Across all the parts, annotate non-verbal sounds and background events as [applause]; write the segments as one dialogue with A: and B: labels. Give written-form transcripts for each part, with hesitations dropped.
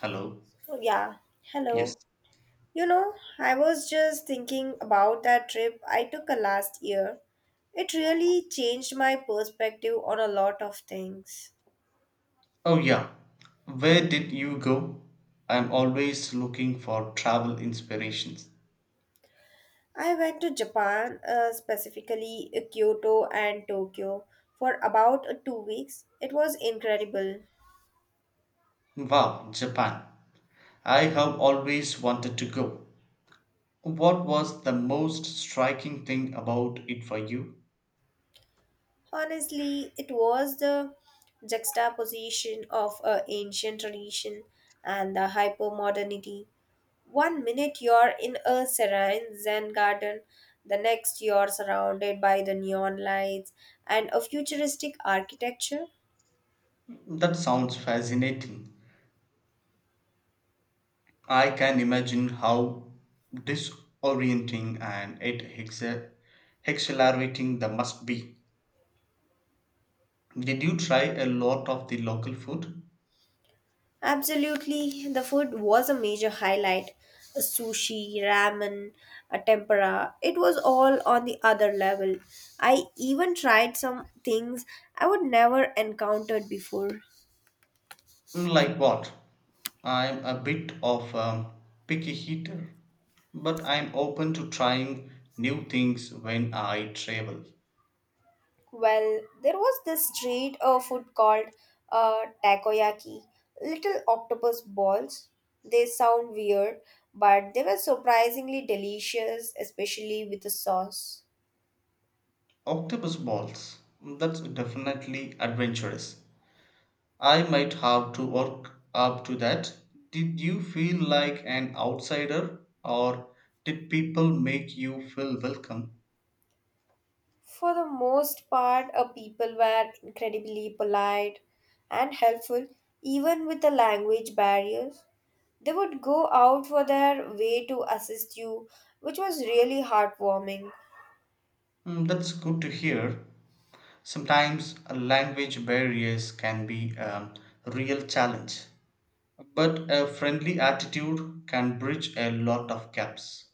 A: Hello.
B: Oh, yeah.
A: Yes.
B: Hello. You know, I was just thinking about that trip I took a last year. It really changed my perspective on a lot of things.
A: Oh, yeah. Where did you go? I'm always looking for travel inspirations.
B: I went to Japan, specifically Kyoto and Tokyo, for about 2 weeks. It was incredible.
A: Wow, Japan. I have always wanted to go. What was the most striking thing about it for you?
B: Honestly, it was the juxtaposition of ancient tradition and the hypermodernity. One minute you're in a serene Zen garden, the next you're surrounded by the neon lights and a futuristic architecture.
A: That sounds fascinating. I can imagine how disorienting and it exa- exhilarating that must be. Did you try a lot of the local food?
B: Absolutely, the food was a major highlight. A sushi, ramen, a tempura, it was all on the other level. I even tried some things I would never encountered before.
A: Mm, like what? I'm a bit of a picky eater, but I'm open to trying new things when I travel.
B: Well, there was this street food called takoyaki, little octopus balls. They sound weird, but they were surprisingly delicious, especially with the sauce.
A: Octopus balls. That's definitely adventurous. I might have to work up to that. Did you feel like an outsider or did people make you feel welcome?
B: For the most part, people were incredibly polite and helpful, even with the language barriers. They would go out for their way to assist you, which was really heartwarming.
A: Mm, that's good to hear. Sometimes language barriers can be a real challenge. But a friendly attitude can bridge a lot of gaps.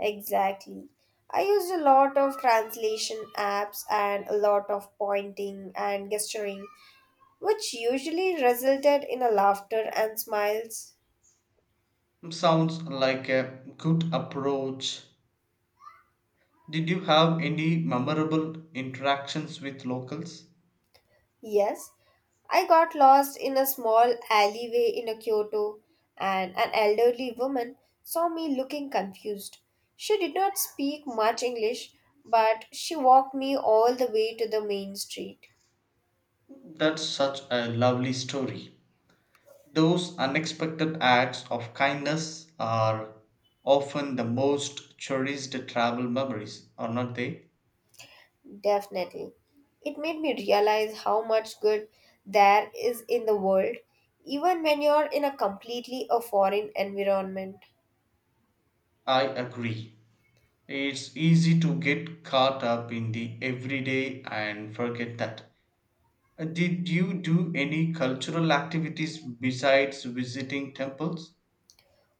B: Exactly. I used a lot of translation apps and a lot of pointing and gesturing, which usually resulted in a laughter and smiles.
A: Sounds like a good approach. Did you have any memorable interactions with locals?
B: Yes, I got lost in a small alleyway in a Kyoto, and an elderly woman saw me looking confused. She did not speak much English, but she walked me all the way to the main street.
A: That's such a lovely story. Those unexpected acts of kindness are often the most cherished travel memories, are not they?
B: Definitely. It made me realize how much good there is in the world, even when you're in a completely a foreign environment.
A: I agree. It's easy to get caught up in the everyday and forget that. Did you do any cultural activities besides visiting temples?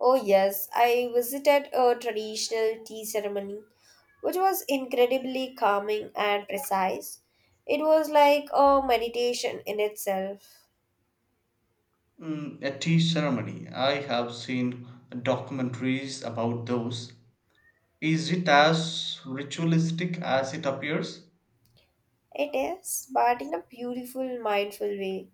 B: Oh yes, I visited a traditional tea ceremony, which was incredibly calming and precise. It was like a meditation in itself.
A: Mm, a tea ceremony. I have seen documentaries about those. Is it as ritualistic as it appears?
B: It is, but in a beautiful, mindful way.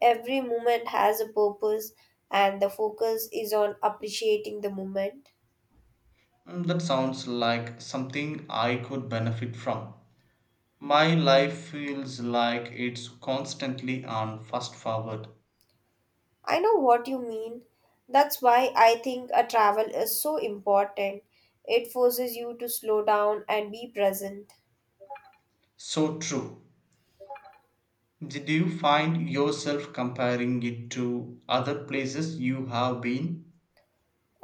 B: Every moment has a purpose, and the focus is on appreciating the moment.
A: Mm, that sounds like something I could benefit from. My life feels like it's constantly on fast forward.
B: I know what you mean. That's why I think a travel is so important. It forces you to slow down and be present.
A: So true. Did you find yourself comparing it to other places you have been?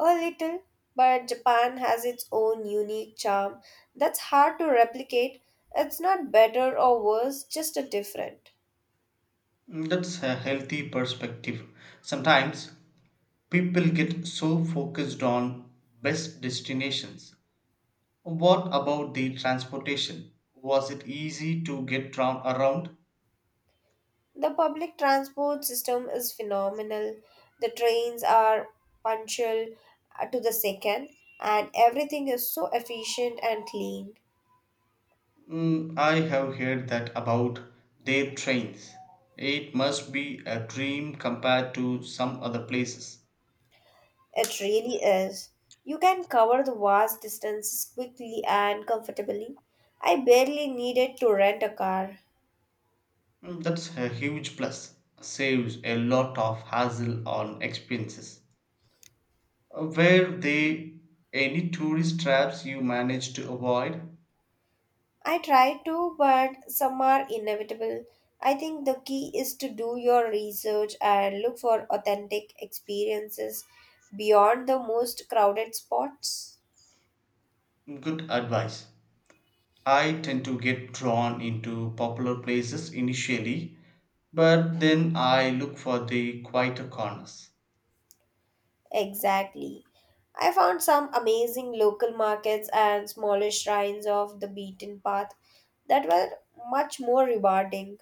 B: A little, but Japan has its own unique charm that's hard to replicate. It's not better or worse, just a different.
A: Mm, that's a healthy perspective. Sometimes people get so focused on best destinations. What about the transportation? Was it easy to get round around?
B: The public transport system is phenomenal. The trains are punctual to the second, and everything is so efficient and clean.
A: Mm, I have heard that about their trains. It must be a dream compared to some other places.
B: It really is. You can cover the vast distances quickly and comfortably. I barely needed to rent a car.
A: Mm, that's a huge plus. Saves a lot of hassle on expenses. Were there any tourist traps you managed to avoid?
B: I try to, but some are inevitable. I think the key is to do your research and look for authentic experiences beyond the most crowded spots.
A: Good advice. I tend to get drawn into popular places initially, but then I look for the quieter corners.
B: Exactly. I found some amazing local markets and smaller shrines off the beaten path that were much more rewarding.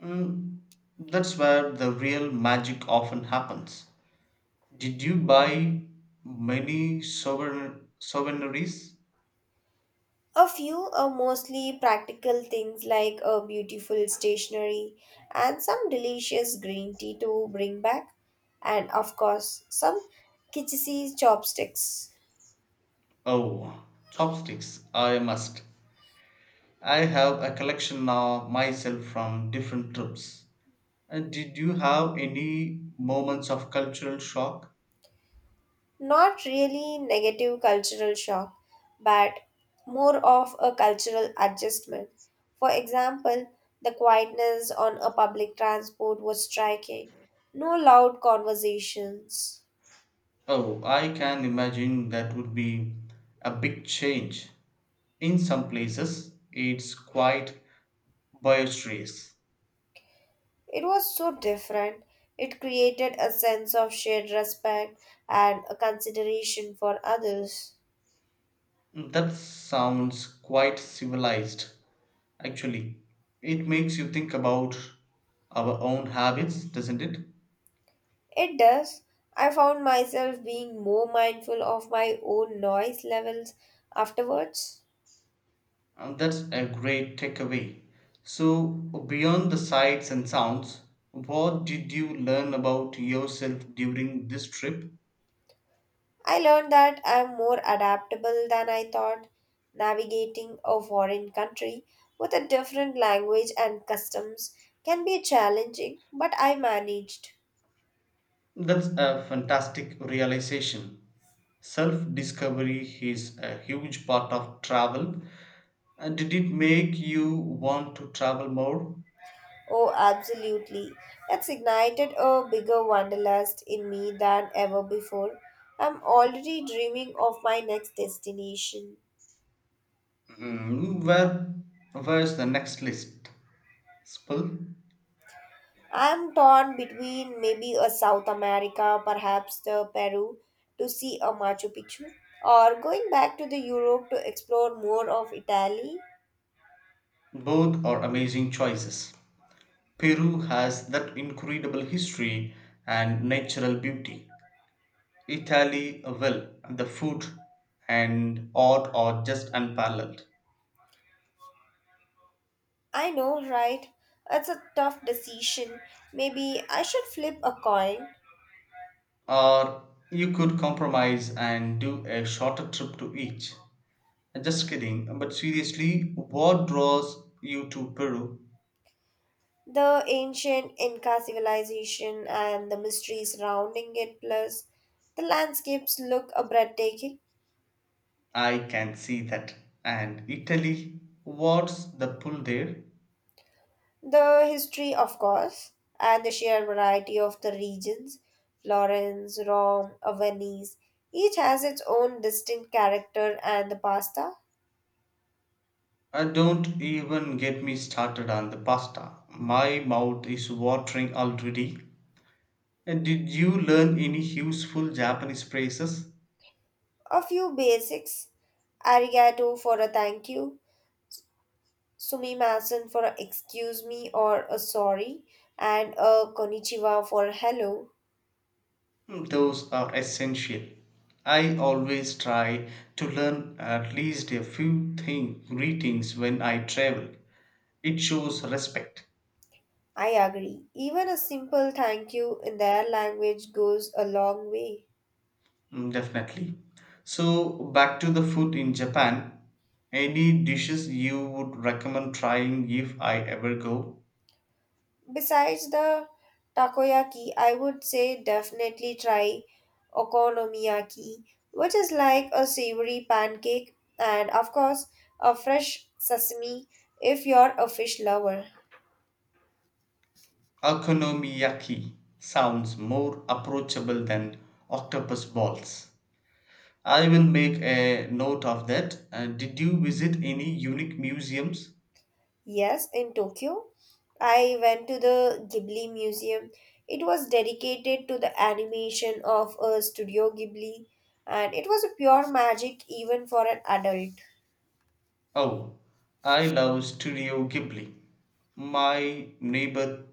A: Mm, that's where the real magic often happens. Did you buy many souvenirs?
B: A few are mostly practical things like a beautiful stationery and some delicious green tea to bring back, and of course, some kitschy chopsticks.
A: Oh, chopsticks, I must. I have a collection now myself from different trips. And did you have any moments of cultural shock?
B: Not really negative cultural shock, but more of a cultural adjustment. For example, the quietness on a public transport was striking. No loud conversations.
A: Oh, I can imagine that would be a big change. In some places, it's quite boisterous.
B: It was so different. It created a sense of shared respect and a consideration for others.
A: That sounds quite civilized. Actually, it makes you think about our own habits, doesn't it?
B: It does. I found myself being more mindful of my own noise levels afterwards.
A: That's a great takeaway. So, beyond the sights and sounds, what did you learn about yourself during this trip?
B: I learned that I'm more adaptable than I thought. Navigating a foreign country with a different language and customs can be challenging, but I managed.
A: That's a fantastic realization. Self discovery is a huge part of travel. Did it make you want to travel more?
B: Oh, absolutely. That's ignited a bigger wanderlust in me than ever before. I'm already dreaming of my next destination.
A: Mm, where, where's the next list? Spill.
B: I'm torn between maybe a South America, perhaps the Peru, to see a Machu Picchu, or going back to the Europe to explore more of Italy.
A: Both are amazing choices. Peru has that incredible history and natural beauty. Italy, well, the food and art are just unparalleled.
B: I know, right? It's a tough decision. Maybe I should flip a coin.
A: Or you could compromise and do a shorter trip to each. Just kidding, but seriously, what draws you to Peru?
B: The ancient Inca civilization and the mysteries surrounding it, plus the landscapes look a breathtaking.
A: I can see that. And Italy, what's the pull there?
B: The history, of course, and the sheer variety of the regions Florence, Rome, Venice, each has its own distinct character and the pasta.
A: Don't even get me started on the pasta. My mouth is watering already. And did you learn any useful Japanese phrases?
B: A few basics: arigato for a thank you, sumimasen for a excuse me or a sorry, and a konnichiwa for hello.
A: Hmm, those are essential. I always try to learn at least a few thing, greetings when I travel. It shows respect.
B: I agree. Even a simple thank you in their language goes a long way.
A: Hmm, definitely. So, back to the food in Japan. Any dishes you would recommend trying if I ever go?
B: Besides the takoyaki, I would say definitely try okonomiyaki, which is like a savory pancake and, of course, a fresh sesame if you're a fish lover.
A: Okonomiyaki sounds more approachable than octopus balls. I will make a note of that. Did you visit any unique museums?
B: Yes, in Tokyo, I went to the Ghibli Museum. It was dedicated to the animation of Studio Ghibli, and it was a pure magic even for an adult.
A: Oh, I love Studio Ghibli. My neighbor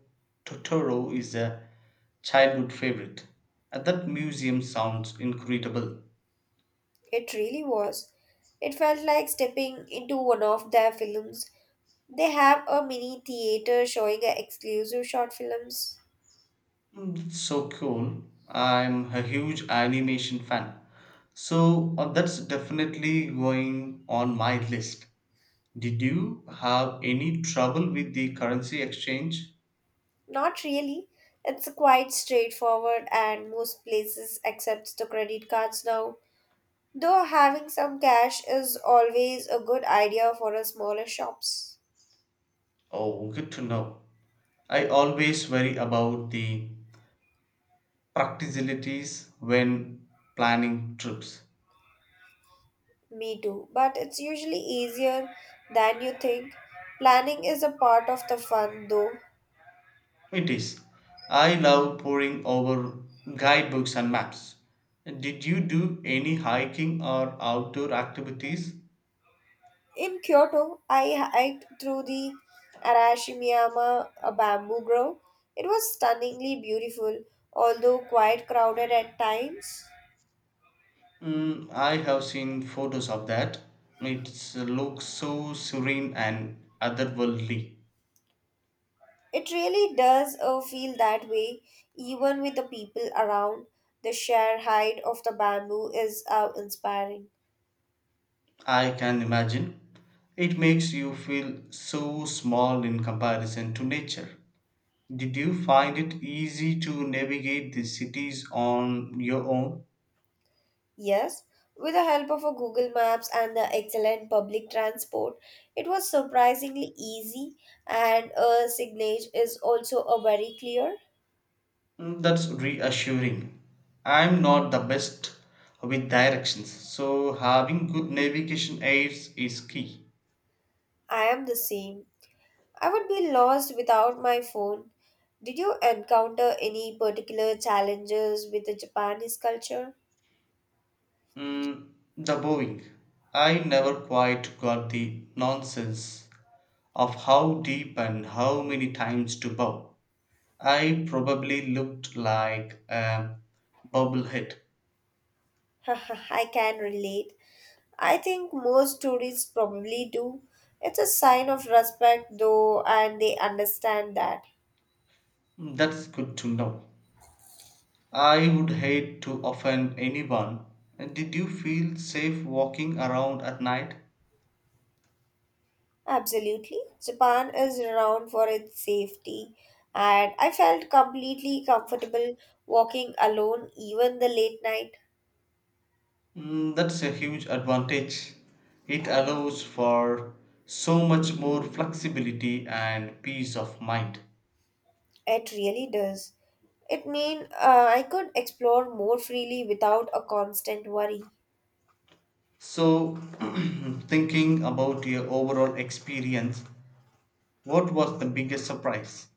A: Totoro is a childhood favorite. That museum sounds incredible.
B: It really was. It felt like stepping into one of their films. They have a mini theater showing exclusive short films.
A: Mm, that's so cool. I'm a huge animation fan. So that's definitely going on my list. Did you have any trouble with the currency exchange?
B: Not really. It's quite straightforward, and most places accept the credit cards now. Though having some cash is always a good idea for a smaller shops.
A: Oh, good to know. I always worry about the practicalities when planning trips.
B: Me too, but it's usually easier than you think. Planning is a part of the fun though.
A: It is. I love poring over guidebooks and maps. Did you do any hiking or outdoor activities?
B: In Kyoto, I hiked through the Arashimiyama a bamboo grove. It was stunningly beautiful, although quite crowded at times.
A: Mm, I have seen photos of that. It looks so serene and otherworldly.
B: It really does feel that way, even with the people around. The sheer height of the bamboo is inspiring.
A: I can imagine. It makes you feel so small in comparison to nature. Did you find it easy to navigate the cities on your own?
B: Yes, with the help of a Google Maps and the excellent public transport, it was surprisingly easy and a signage is also a very clear.
A: Mm, that's reassuring. I'm not the best with directions, so having good navigation aids is key.
B: I am the same. I would be lost without my phone. Did you encounter any particular challenges with the Japanese culture?
A: Mm, the Boeing. I never quite got the nonsense of how deep and how many times to bow. I probably looked like a bobblehead.
B: [laughs] I can relate. I think most tourists probably do. It's a sign of respect though and they understand that.
A: Mm, that's good to know. I would hate to offend anyone. Did you feel safe walking around at night?
B: Absolutely. Japan is renowned for its safety, and I felt completely comfortable walking alone even the late night.
A: Mm, that's a huge advantage. It allows for so much more flexibility and peace of mind.
B: It really does. It mean I could explore more freely without a constant worry.
A: So, [clears throat] thinking about your overall experience, what was the biggest surprise?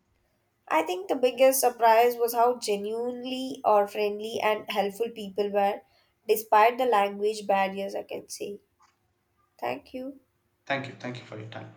B: I think the biggest surprise was how genuinely or friendly and helpful people were, despite the language barriers I can say, thank you.
A: Thank you. Thank you for your time.